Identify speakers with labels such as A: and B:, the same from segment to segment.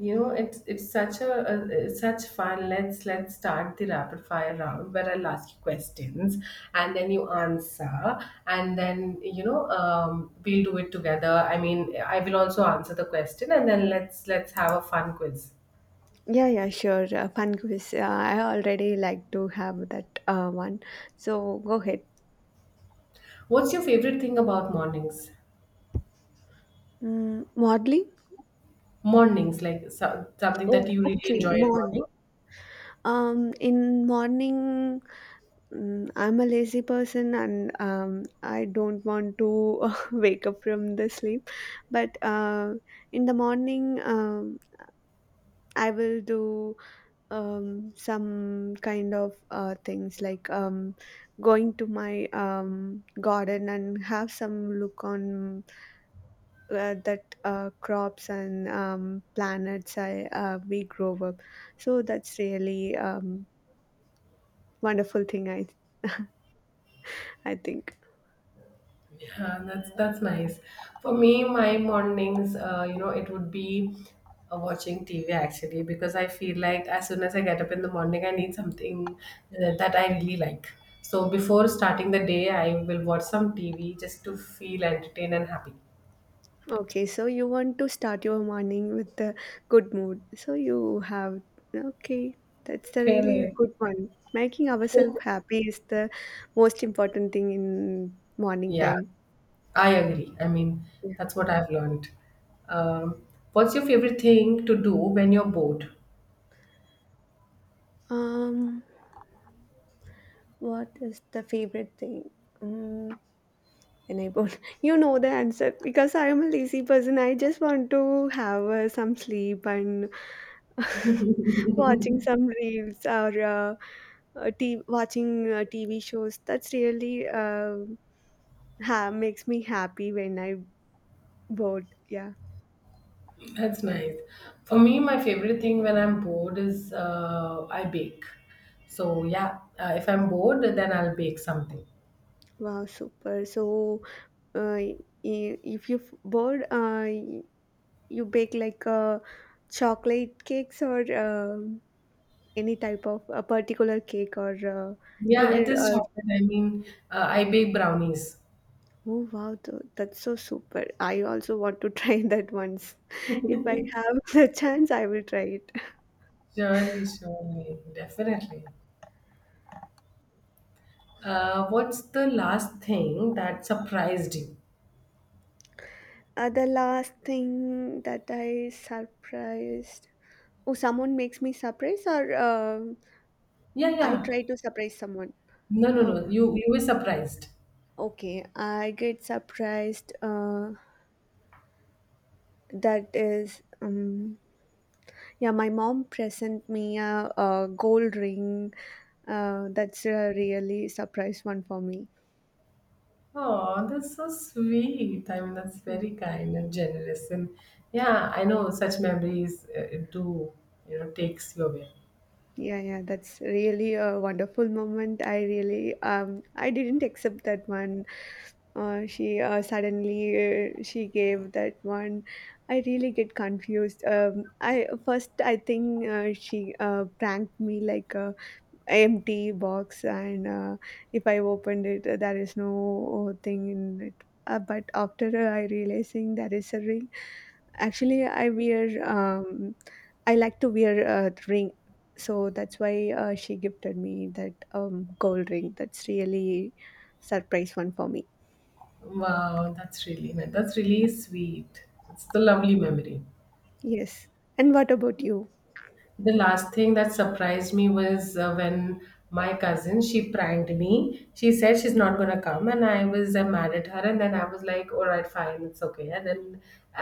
A: You know, it's such a it's such fun. Let's start the rapid fire round where I'll ask you questions and then you answer, and then we'll do it together. I mean, I will also answer the question, and then let's have a fun quiz.
B: Yeah, yeah, sure. Fun quiz. I already like to have that one. So go ahead.
A: What's your favorite thing about mornings?
B: Modeling.
A: Mornings, like so, something that
B: Oh,
A: you really
B: okay.
A: enjoy at
B: Morn.
A: morning.
B: In morning, I'm a lazy person and I don't want to wake up from the sleep. But in the morning, I will do. Some kind of things like going to my garden and have some look on that crops and planets I we grow up. So that's really wonderful thing I think.
A: Yeah, that's nice. For me, my mornings, it would be watching TV actually because I feel like as soon as I get up in the morning, I need something that I really like. So before starting the day, I will watch some TV just to feel entertained and happy.
B: Okay, so you want to start your morning with a good mood. So you have. Okay. That's the really
A: Correct.
B: good one. Making ourselves happy is the most important thing in morning
A: Yeah,
B: time.
A: I agree. I mean, that's what I've learned. Um, what's your favorite thing to do when you're bored?
B: Um, what is the favorite thing? Um, when I born, you know the answer because I am a lazy person. I just want to have some sleep and watching some reels or watching TV shows. That's really makes me happy when I bored. Yeah.
A: That's nice. For me, my favorite thing when I'm bored is I bake. So yeah, if I'm bored, then I'll bake something.
B: Wow, super. So, uh, i- if you bored, you bake like chocolate cakes or. Any type of a particular cake or you
A: Yeah, it
B: will
A: is chocolate. I mean, I bake brownies.
B: oh wow, that's so super. I also want to try that once. If I have the chance, I will try it.
A: Surely, surely, definitely. What's the last thing that surprised you?
B: The last thing that I surprised. Oh, someone makes me surprise or
A: Yeah,
B: I
A: yeah.
B: try to surprise someone.
A: No, no,
B: Oh,
A: no. You were surprised.
B: okay, I get surprised, that is yeah, my mom present me a gold ring. That's a really surprise one for me.
A: Oh, that's so sweet. I mean, that's
B: Yeah,
A: very kind and generous. And yeah, I know such memories do, takes you away.
B: yeah, yeah. That's really a wonderful moment. I really I didn't accept that one. She suddenly she gave that one. I really get confused. I first I think she pranked me like. Empty box and if I opened it, there is no thing in it. But after, I realizing there is a ring. Actually I wear, I like to wear a ring. So that's why she gifted me that gold ring. That's really surprise one for me.
A: Wow, that's really nice. That's really sweet. It's the lovely memory.
B: Yes, and what about you?
A: The last thing that surprised me was when my cousin she pranked me. She said she's not gonna come, and I was mad at her. And then I was like, "All right, fine, it's okay." And then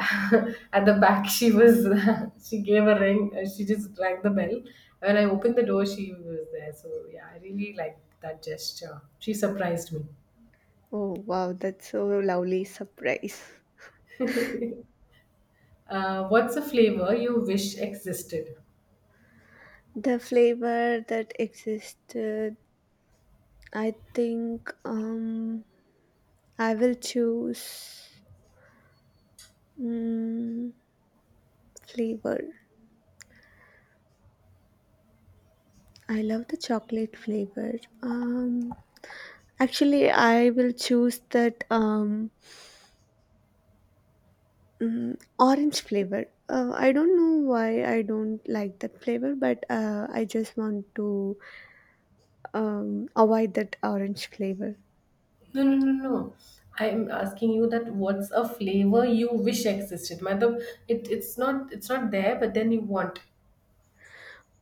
A: at the back, she was she gave a ring. She just rang the bell. When I opened the door, she was there. So yeah, I really liked that gesture. She surprised me.
B: Oh wow, that's so lovely surprise.
A: What's a flavor you wish existed?
B: The flavor that existed, I think. I will choose mm, flavor. I love the chocolate flavor. Um, Actually, I will choose that orange flavor. I don't know why I don't like that flavor, but I just want to avoid that orange flavor.
A: No, no, no, no. I'm asking you that what's a flavor you wish existed? Matlab, it's not there, but then you want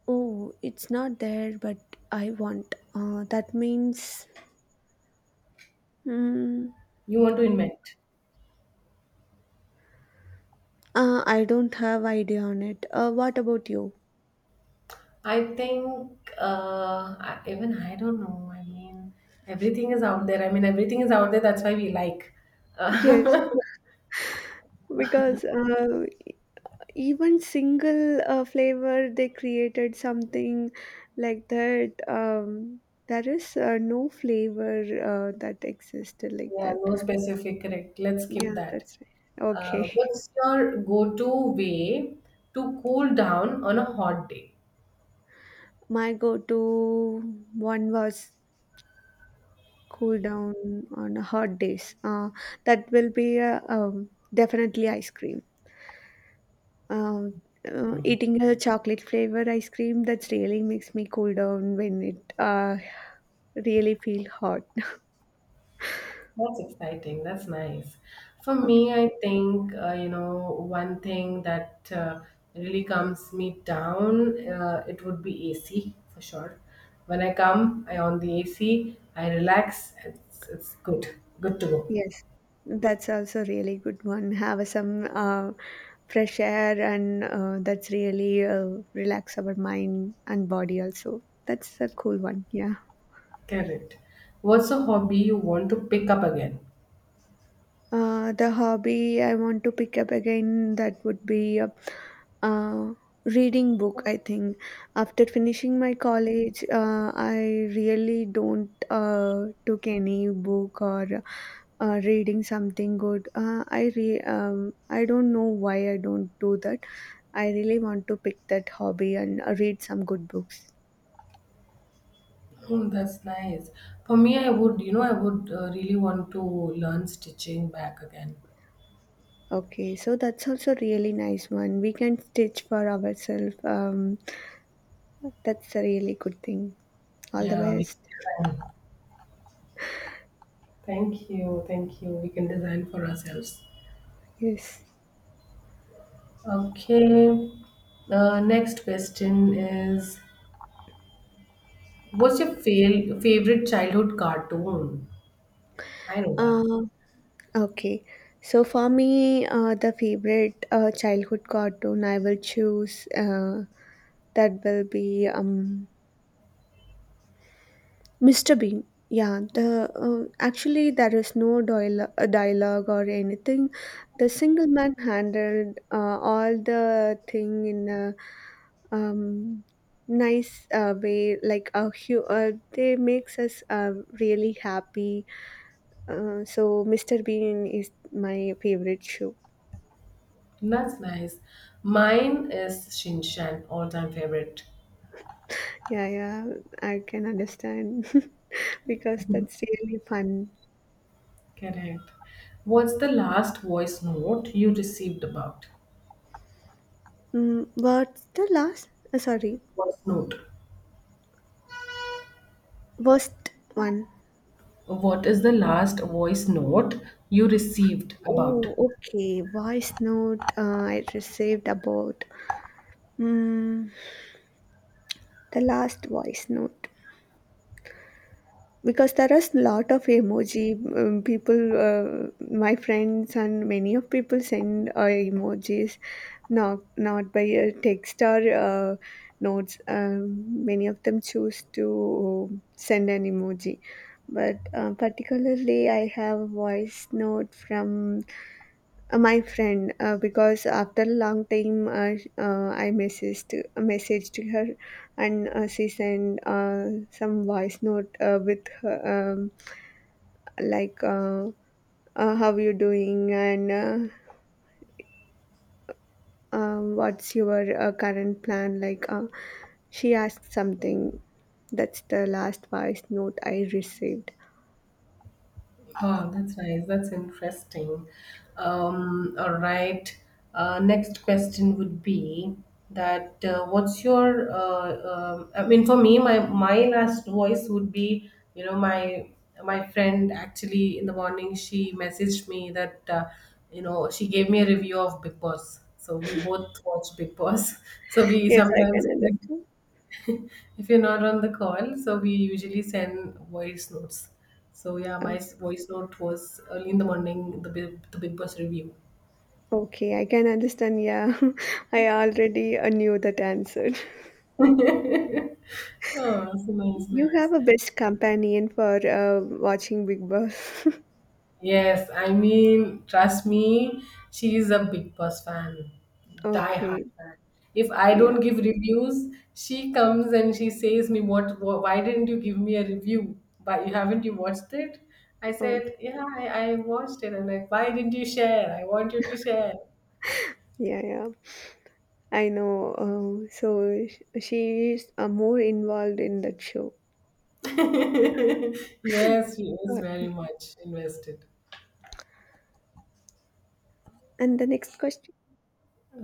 B: Oh, it's not there, but I want. That means mm,
A: you want to invent.
B: I don't have idea on it. What about you?
A: I think even I don't know. I mean, everything is out there. I mean, everything is out there. That's why we like.
B: Yes,
A: Uh,
B: because even single flavor they created something like that, there is no flavor that existed like
A: yeah,
B: that.
A: no specific. Correct. Let's skip
B: Yeah,
A: that.
B: that's right.
A: Uh,
B: Okay.
A: what's your go-to way to cool down on a hot day?
B: My go-to one was cool down on hot days, that will be definitely ice cream. Um, Eating a chocolate flavor ice cream that's really makes me cool down when it really feel hot.
A: That's exciting. That's nice. For me,
B: Okay.
A: I think, one thing that really calms me down, it would be AC for sure. When I come, I on the AC, I relax. It's good. Good to go.
B: Yes, that's also really good one. Have some fresh air, and that's really relax our mind and body also. That's a cool one. Yeah.
A: Correct. What's a hobby you want to pick up again?
B: The hobby I want to pick up again that would be uh, reading book. I think after finishing my college, I really don't took any book or reading something good. I don't know why I don't do that. I really want to pick that hobby and read some good books.
A: Oh, that's nice. For me, I would really want to learn stitching back again.
B: Okay, so that's also really nice one. We can stitch for ourselves. That's a really good thing. All the
A: Yeah, we
B: best.
A: can. Thank you, thank you. We can design for ourselves.
B: Yes.
A: Okay. Next question is, what's your favorite childhood cartoon? I know that.
B: Uh, okay. So for me, the favorite childhood cartoon I will choose, that will be, Mr. Bean. Yeah, the actually there is no dialogue, dialogue or anything. The single man handled all the thing in a um, nice way. They makes us really happy. So Mr. Bean is my favorite show.
A: That's nice. Mine is Shin Chan, all-time favorite.
B: Yeah, yeah, I can understand because that's really fun.
A: Correct. What's the last voice note you received about?
B: What's the last? Sorry,
A: Voice note.
B: worst one.
A: What is the last voice note you received
B: Oh,
A: about?
B: okay. Voice note I received about, mm, the last voice note. Because there are a lot of emoji, people, uh, my friends and many of people send emojis, not by text or uh, notes. Many of them choose to send an emoji, but particularly I have a voice note from my friend, because after a long time, I messaged her, and she sent some voice note with her, um, like uh, how you doing, and what's your current plan. She asked something. That's the last voice note I received.
A: Oh, that's nice. That's interesting. All right. Next question would be that what's your I mean for me my last voice would be my friend actually in the morning she messaged me that she gave me a review of Big Boss. So we both watch Big Boss. So we
B: Yes, I
A: sometimes
B: can
A: like,
B: understand.
A: if you're not on the call, so we usually send voice notes. So yeah, my
B: Uh,
A: voice note was early in the morning, the big boss review.
B: okay, I can understand. Yeah, I already knew that answer.
A: Oh, so nice,
B: You
A: nice.
B: have a best companion for watching Big Boss.
A: Yes, I mean, trust me, she is a big boss fan, die hard
B: Okay.
A: fan. If I
B: Yeah.
A: don't give reviews, she comes and she says me, what, why didn't you give me a review? Why you haven't you watched it? I
B: Oh,
A: said, yeah, I watched it. I'm like, why didn't you share? I want you to share.
B: yeah, yeah. I know. So she is more involved in that show.
A: Yes, she is very
B: Okay.
A: much invested.
B: And the next question.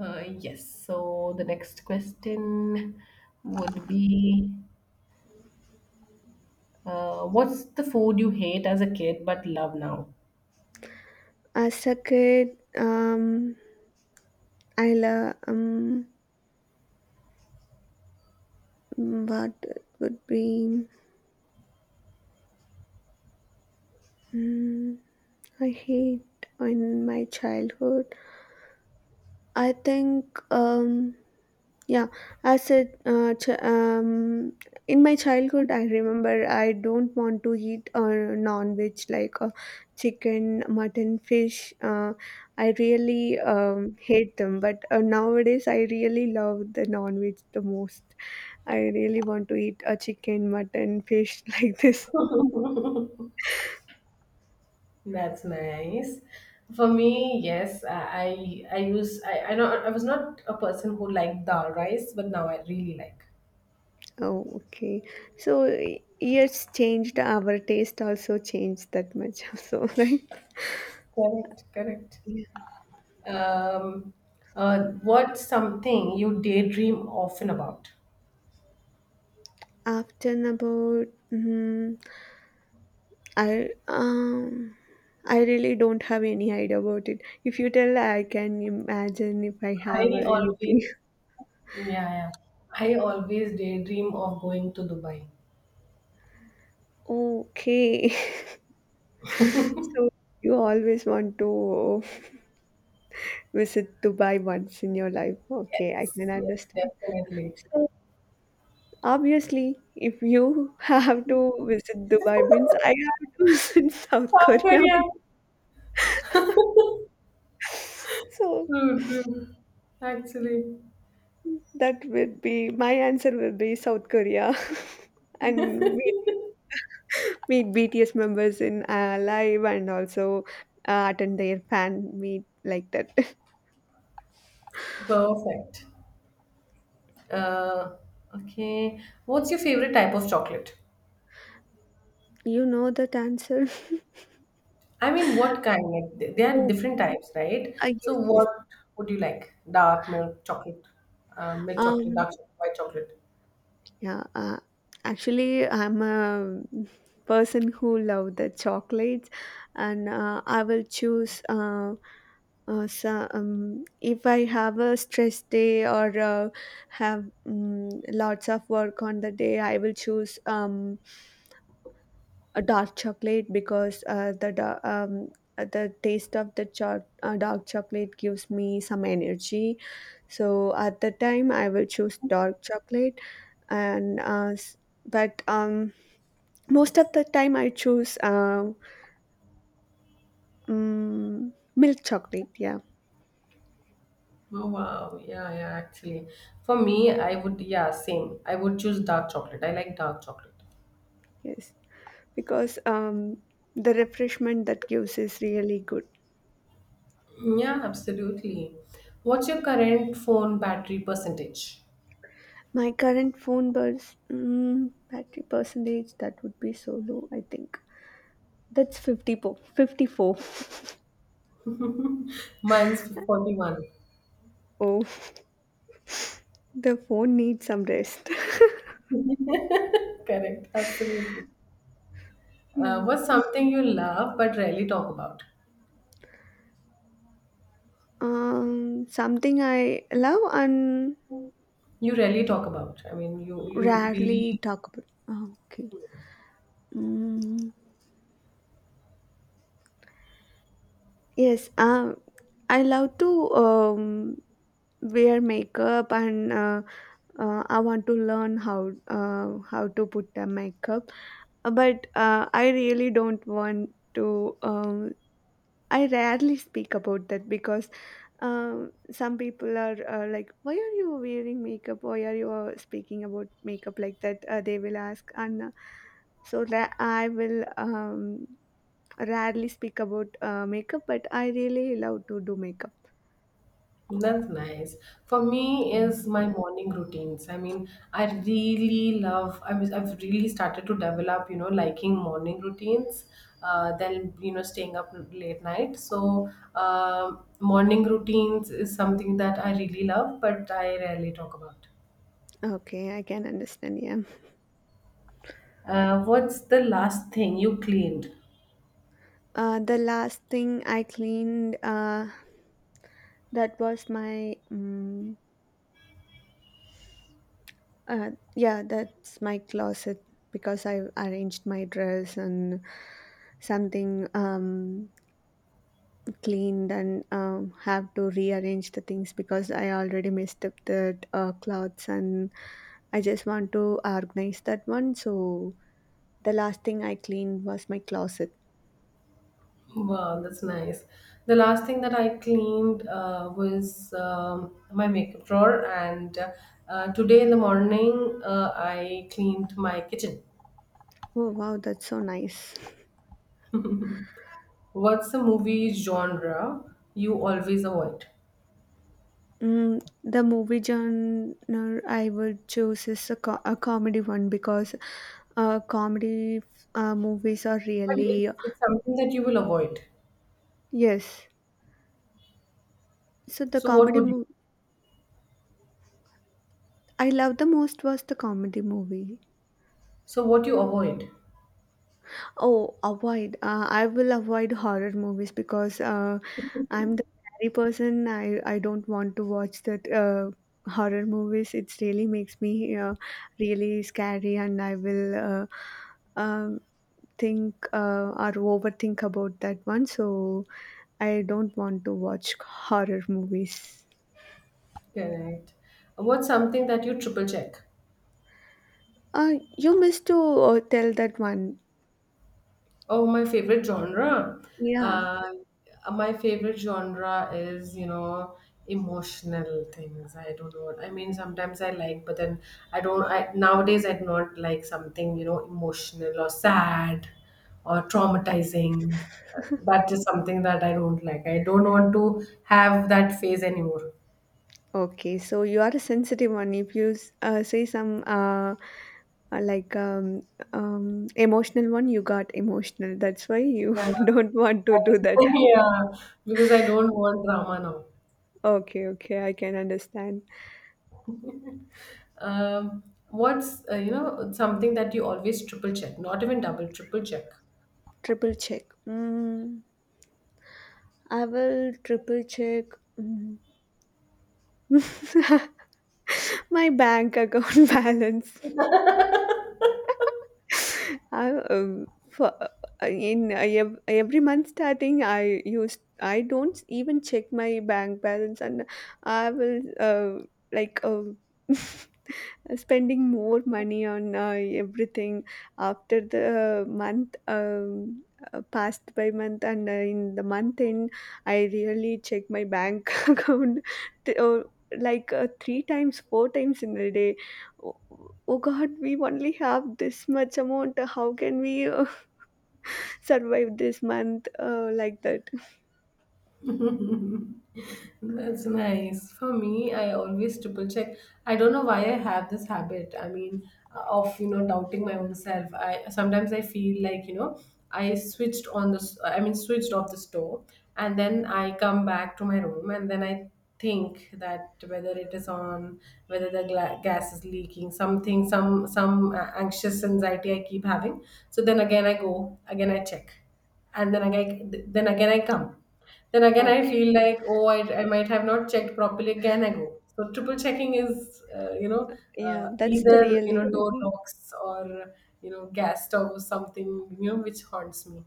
A: Yes. So the next question would be, what's the food you hate as a kid but love now?
B: As a kid, I love, what it would be, mm, I hate in my childhood. I think, yeah, as a in my childhood, I remember I don't want to eat non-veg like chicken, mutton, fish. I really hate them, but nowadays I really love the non-veg the most. I really want to eat a chicken, mutton, fish like this.
A: That's nice. For me, yes, I know I was not a person who liked dal rice, but now I really like.
B: Oh, okay. So years changed, our taste also changed that much. So right.
A: Correct, correct.
B: Yeah.
A: Um, uh, what's something you daydream often about?
B: After about. Mhm, I um I really don't have any idea about it. If you tell, I can imagine if I
A: I
B: have
A: always.
B: anything.
A: Yeah, yeah. I always daydream of going to Dubai.
B: Okay. So you always want to visit Dubai once in your life. Okay, I
A: Yes,
B: can
A: yes,
B: understand.
A: definitely.
B: So obviously, if you have to visit Dubai means I have to visit South
A: South
B: Korea.
A: Korea.
B: So
A: True, true. Actually.
B: that would be, my answer will be South Korea. And meet BTS members in live, and also attend their fan meet like that.
A: Perfect. Uh, okay. What's your favorite type of chocolate?
B: You know that answer?
A: I mean, what kind? Like, there are
B: Oh,
A: different types, right? So,
B: yes, yes.
A: what would you like? Dark milk chocolate,
B: Um,
A: dark chocolate, white chocolate.
B: yeah. Actually, I'm a person who love the chocolates, and I will choose. So, if I have a stress day or have lots of work on the day, I will choose a dark chocolate because the taste of the dark chocolate gives me some energy. So at the time, I will choose dark chocolate, and uh, s- but most of the time I choose milk chocolate. Yeah,
A: Oh wow, yeah, yeah, actually. For me, I would, yeah, same. I would choose dark chocolate. I like dark chocolate.
B: yes, because the refreshment that gives is really good.
A: Yeah, absolutely. What's your current phone battery percentage?
B: My current phone burst, battery percentage that would be so low. I think that's 50, 54.
A: Mine's 41.
B: Oh, the phone needs some rest.
A: Correct, absolutely. Uh,
B: Yeah.
A: what's something you love but rarely talk about?
B: Something I love and
A: You rarely talk about. I mean, you
B: rarely
A: really.
B: talk about. Oh, okay. Mm, yes. I love to wear makeup, and I want to learn how to put the makeup. But I really don't want to. um I rarely speak about that because some people are like, "Why are you wearing makeup? Why are you speaking about makeup like that?" They will ask, and I will rarely speak about makeup, but I really love to do makeup.
A: That's nice. For me is my morning routines. I mean, I really love I mean, I've really started to develop, liking morning routines. Then, staying up late night. So morning routines is something that I really love, but I rarely talk about.
B: Okay, I can understand. Yeah,
A: What's the last thing you cleaned?
B: the last thing I cleaned, that was my. Yeah, that's my closet because I arranged my dress and something, cleaned, and have to rearrange the things because I already messed up the clothes, and I just want to organize that one. So the last thing I cleaned was my closet.
A: Wow, that's nice. The last thing that I cleaned was my makeup drawer, and today in the morning I cleaned my kitchen.
B: Oh wow, that's so nice.
A: What's the movie genre you always avoid?
B: The movie genre I would choose is a comedy one because comedy movies are
A: But it's,
B: really.
A: it's something that you will avoid.
B: Yes. So the
A: So what
B: comedy
A: would you?
B: movie I love the most was the comedy movie.
A: So what you avoid?
B: Oh, avoid. I will avoid horror movies because I'm the scary person. I don't want to watch that. Horror movies it really makes me really scary, and I will um, think or overthink about that one, so I don't want to watch horror movies.
A: Correct. What's something that you triple check?
B: You missed to tell that one.
A: Oh, my favorite genre.
B: Yeah,
A: Uh, my favorite genre is, emotional things. I don't know. I mean, sometimes I like, but then I don't. I nowadays I do not like something, emotional or sad or traumatizing. That is something that I don't like. I don't want to have that phase anymore.
B: okay, so you are a sensitive one. If you say some like, emotional one, you got emotional. That's why you
A: Yeah,
B: don't want to do that.
A: yeah, because I don't want drama now.
B: Okay, okay, I can understand.
A: Um, what's something that you always triple check, not even double, triple check?
B: Triple check. I will triple check. mm. My bank account balance. I, for, in every month starting, I don't even check my bank balance, and I will like. um spending more money on everything after the month passed by month and in the month end I really check my bank account t- uh, like three times four times in a day. Oh, oh god, we only have this much amount. How can we survive this month, like that.
A: That's nice. For me, I always triple check. I don't know why I have this habit. I mean, of doubting my own self. I sometimes I feel like I switched on this. I mean, switched off the stove, and then I come back to my room, and then I think that whether it is on, whether the gas is leaking, something, some anxious anxiety I keep having. So then again I go, again I check, and then again I come, then again I
B: Okay.
A: feel like, oh, I might have not checked properly, again I go. So triple checking is
B: Yeah, that's the
A: either door
B: really.
A: locks or gas stove or something which haunts me.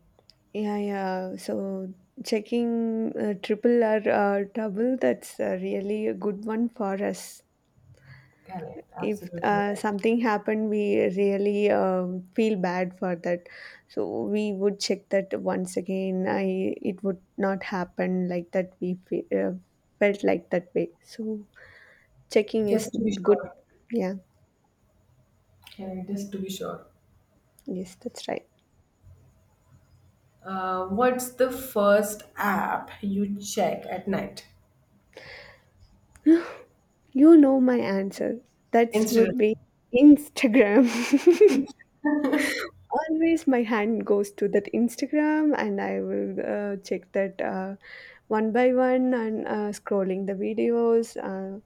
B: Yeah, yeah. So checking triple or double, that's really a good one for us.
A: Correct,
B: If
A: absolutely right.
B: something happened, we really feel bad for that. So we would check that once again. I It would not happen like that. We felt like that way. So checking is
A: Just to be
B: good.
A: sure.
B: Yeah.
A: Okay, just to be sure.
B: Yes, that's right.
A: What's the first app you check at night?
B: You know my answer. That's
A: Instagram.
B: would be Instagram. Always my hand goes to that Instagram, and I will check that one by one and scrolling the videos.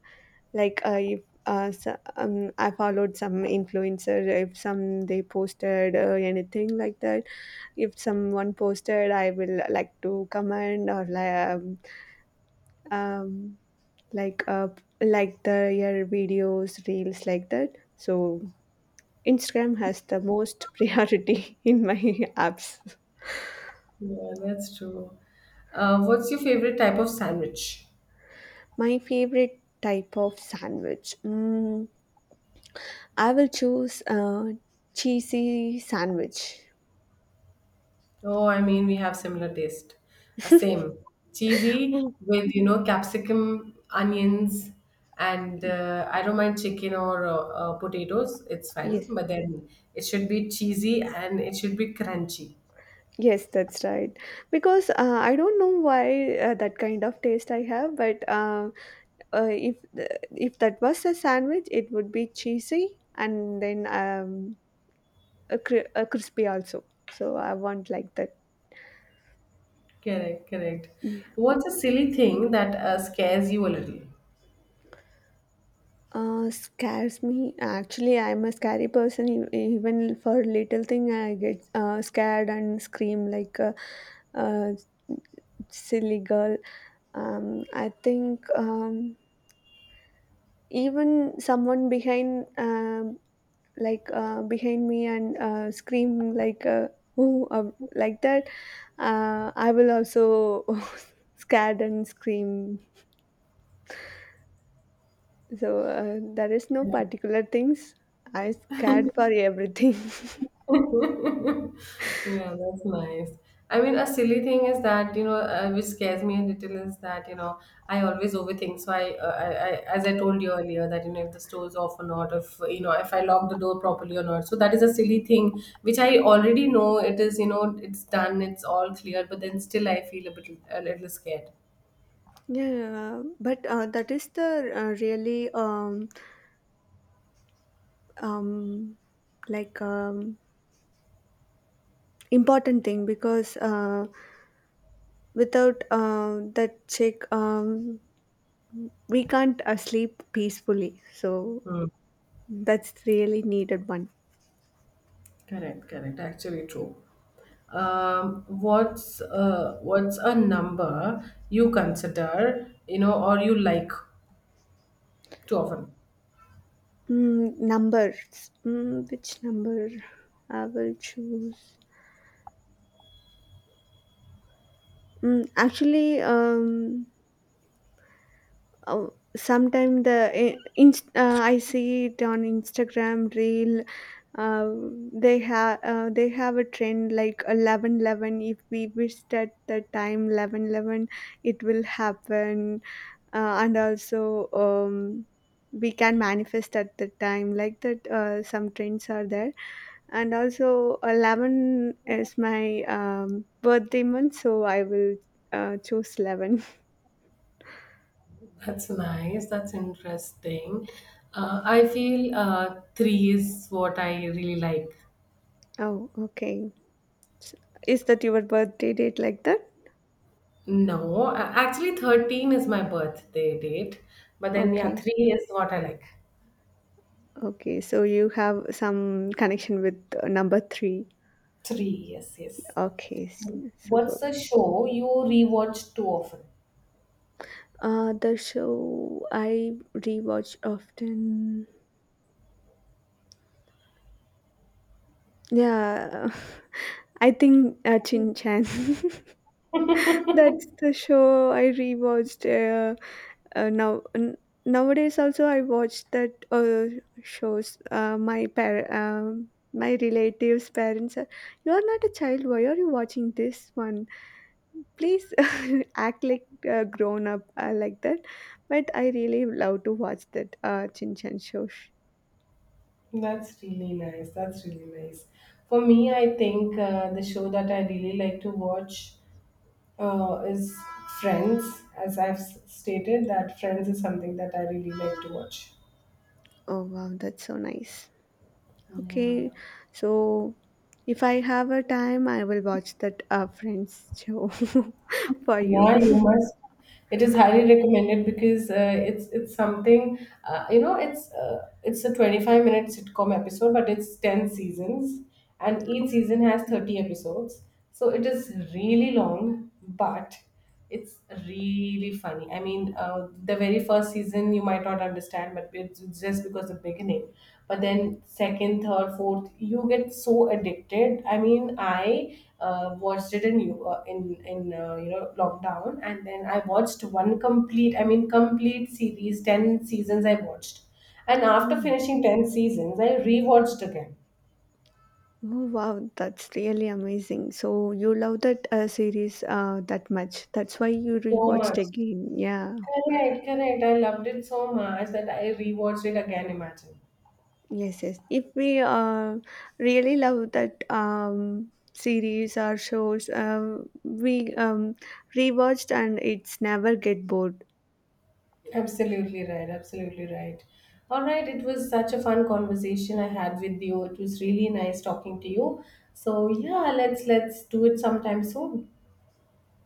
B: like, if so, I followed some influencer, if some they posted anything like that. If someone posted, I will like to comment or um, like uh, like the your videos, reels like that. So Instagram has the most priority in my apps.
A: Yeah, that's true. What's your favorite type of sandwich?
B: My favorite type of sandwich. I will choose a cheesy sandwich.
A: Oh, I mean, we have similar taste. Same. Cheesy
B: Oh,
A: with, capsicum, onions, and I don't mind chicken or potatoes. It's fine.
B: yes.
A: But then it should be cheesy and it should be crunchy.
B: Yes, that's right. Because I don't know why that kind of taste I have, but if that was a sandwich, it would be cheesy and then a crispy also. So I want like that.
A: Correct, correct. What's a silly thing that scares you a little?
B: Scares me. Actually, I'm a scary person. Even for little thing, I get scared and scream like a silly girl. I think even someone behind, like behind me, and scream like "Oh," like that. I will also scared and scream. So there is no particular things. I scared for everything.
A: Yeah, that's nice. I mean, a silly thing is that, which scares me a little is that, I always overthink. So I, as I told you earlier, that, if the store's off or not, if, if I lock the door properly or not. So that is a silly thing, which I already know it is, it's done, it's all clear, but then still I feel a little scared.
B: Yeah, but that is the really um, like um, important thing, because without that check, we can't sleep peacefully. So
A: Hmm.
B: that's really needed one.
A: Correct, correct. Actually true. What's a number you consider, or you like too often?
B: Numbers. Which number I will choose? Mm, actually, um, Oh, sometime I see it on Instagram reel. Uh, they have a trend like 11:11. If we wish at the time 11:11, it will happen. And also, we can manifest at the time like that. Some trends are there, and also 11 is my birthday month, so I will choose 11.
A: That's nice. That's interesting. I feel three is what I really like.
B: Oh, okay. Is that your birthday date like that?
A: No, actually, 13 is my birthday date. But then, yeah,
B: Okay.
A: three is what I like.
B: Okay. So you have some connection with number three.
A: Three, yes, yes.
B: Okay.
A: What's
B: Superb.
A: the show you rewatch too often?
B: The show I rewatch often. Yeah. I think Chin Chan. That's the show I rewatched now. Nowadays also I watch that shows. My relatives' parents are. You are not a child. Why are you watching this one? Please act like a grown up, like that. But I really love to watch that Chin Chan show.
A: That's really nice. That's really nice. For me, I think the show that I really like to watch is Friends. As I've stated, that Friends is something that I really like to watch.
B: Oh wow, that's so nice. Okay, so if I have a time, I will watch that Friends show for you.
A: Yeah, you must. It is highly recommended because it's something it's a 25-minute sitcom episode, but it's 10 seasons, and each
B: Oh,
A: season has 30 episodes. So it is really long, but it's really funny. I mean, the very first season you might not understand, but it's just because the beginning. But then second, third, fourth, you get so addicted. I mean, I watched it in you know lockdown, and then I watched one complete. I mean, complete series, 10 seasons I watched, and after
B: oh,
A: finishing 10 seasons, I rewatched again.
B: oh, wow, that's really amazing. So you love that series that much. That's why you
A: So
B: rewatched
A: much.
B: again. Yeah.
A: Correct, correct. I loved it so much that I rewatched it again. Imagine.
B: Yes, yes. If we really love that series or shows, we rewatched and it's never get bored.
A: Absolutely right. Absolutely right. All right. It was such a fun conversation I had with you. It was really nice talking to you. So yeah, let's do it sometime soon.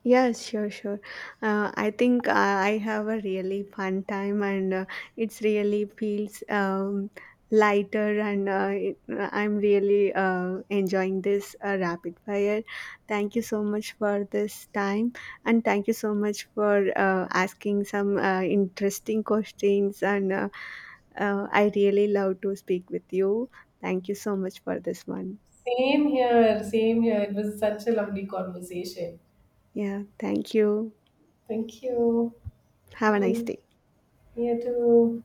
B: Yes, sure, sure. I think I have a really fun time, and it's really feels lighter, and I'm really enjoying this rapid fire. Thank you so much for this time, and thank you so much for asking some interesting questions. And I really love to speak with you. Thank you so much for this one.
A: Same here. Same here. It was such a lovely conversation.
B: Yeah, thank you.
A: Thank you.
B: Have a nice
A: Bye.
B: day.
A: You too.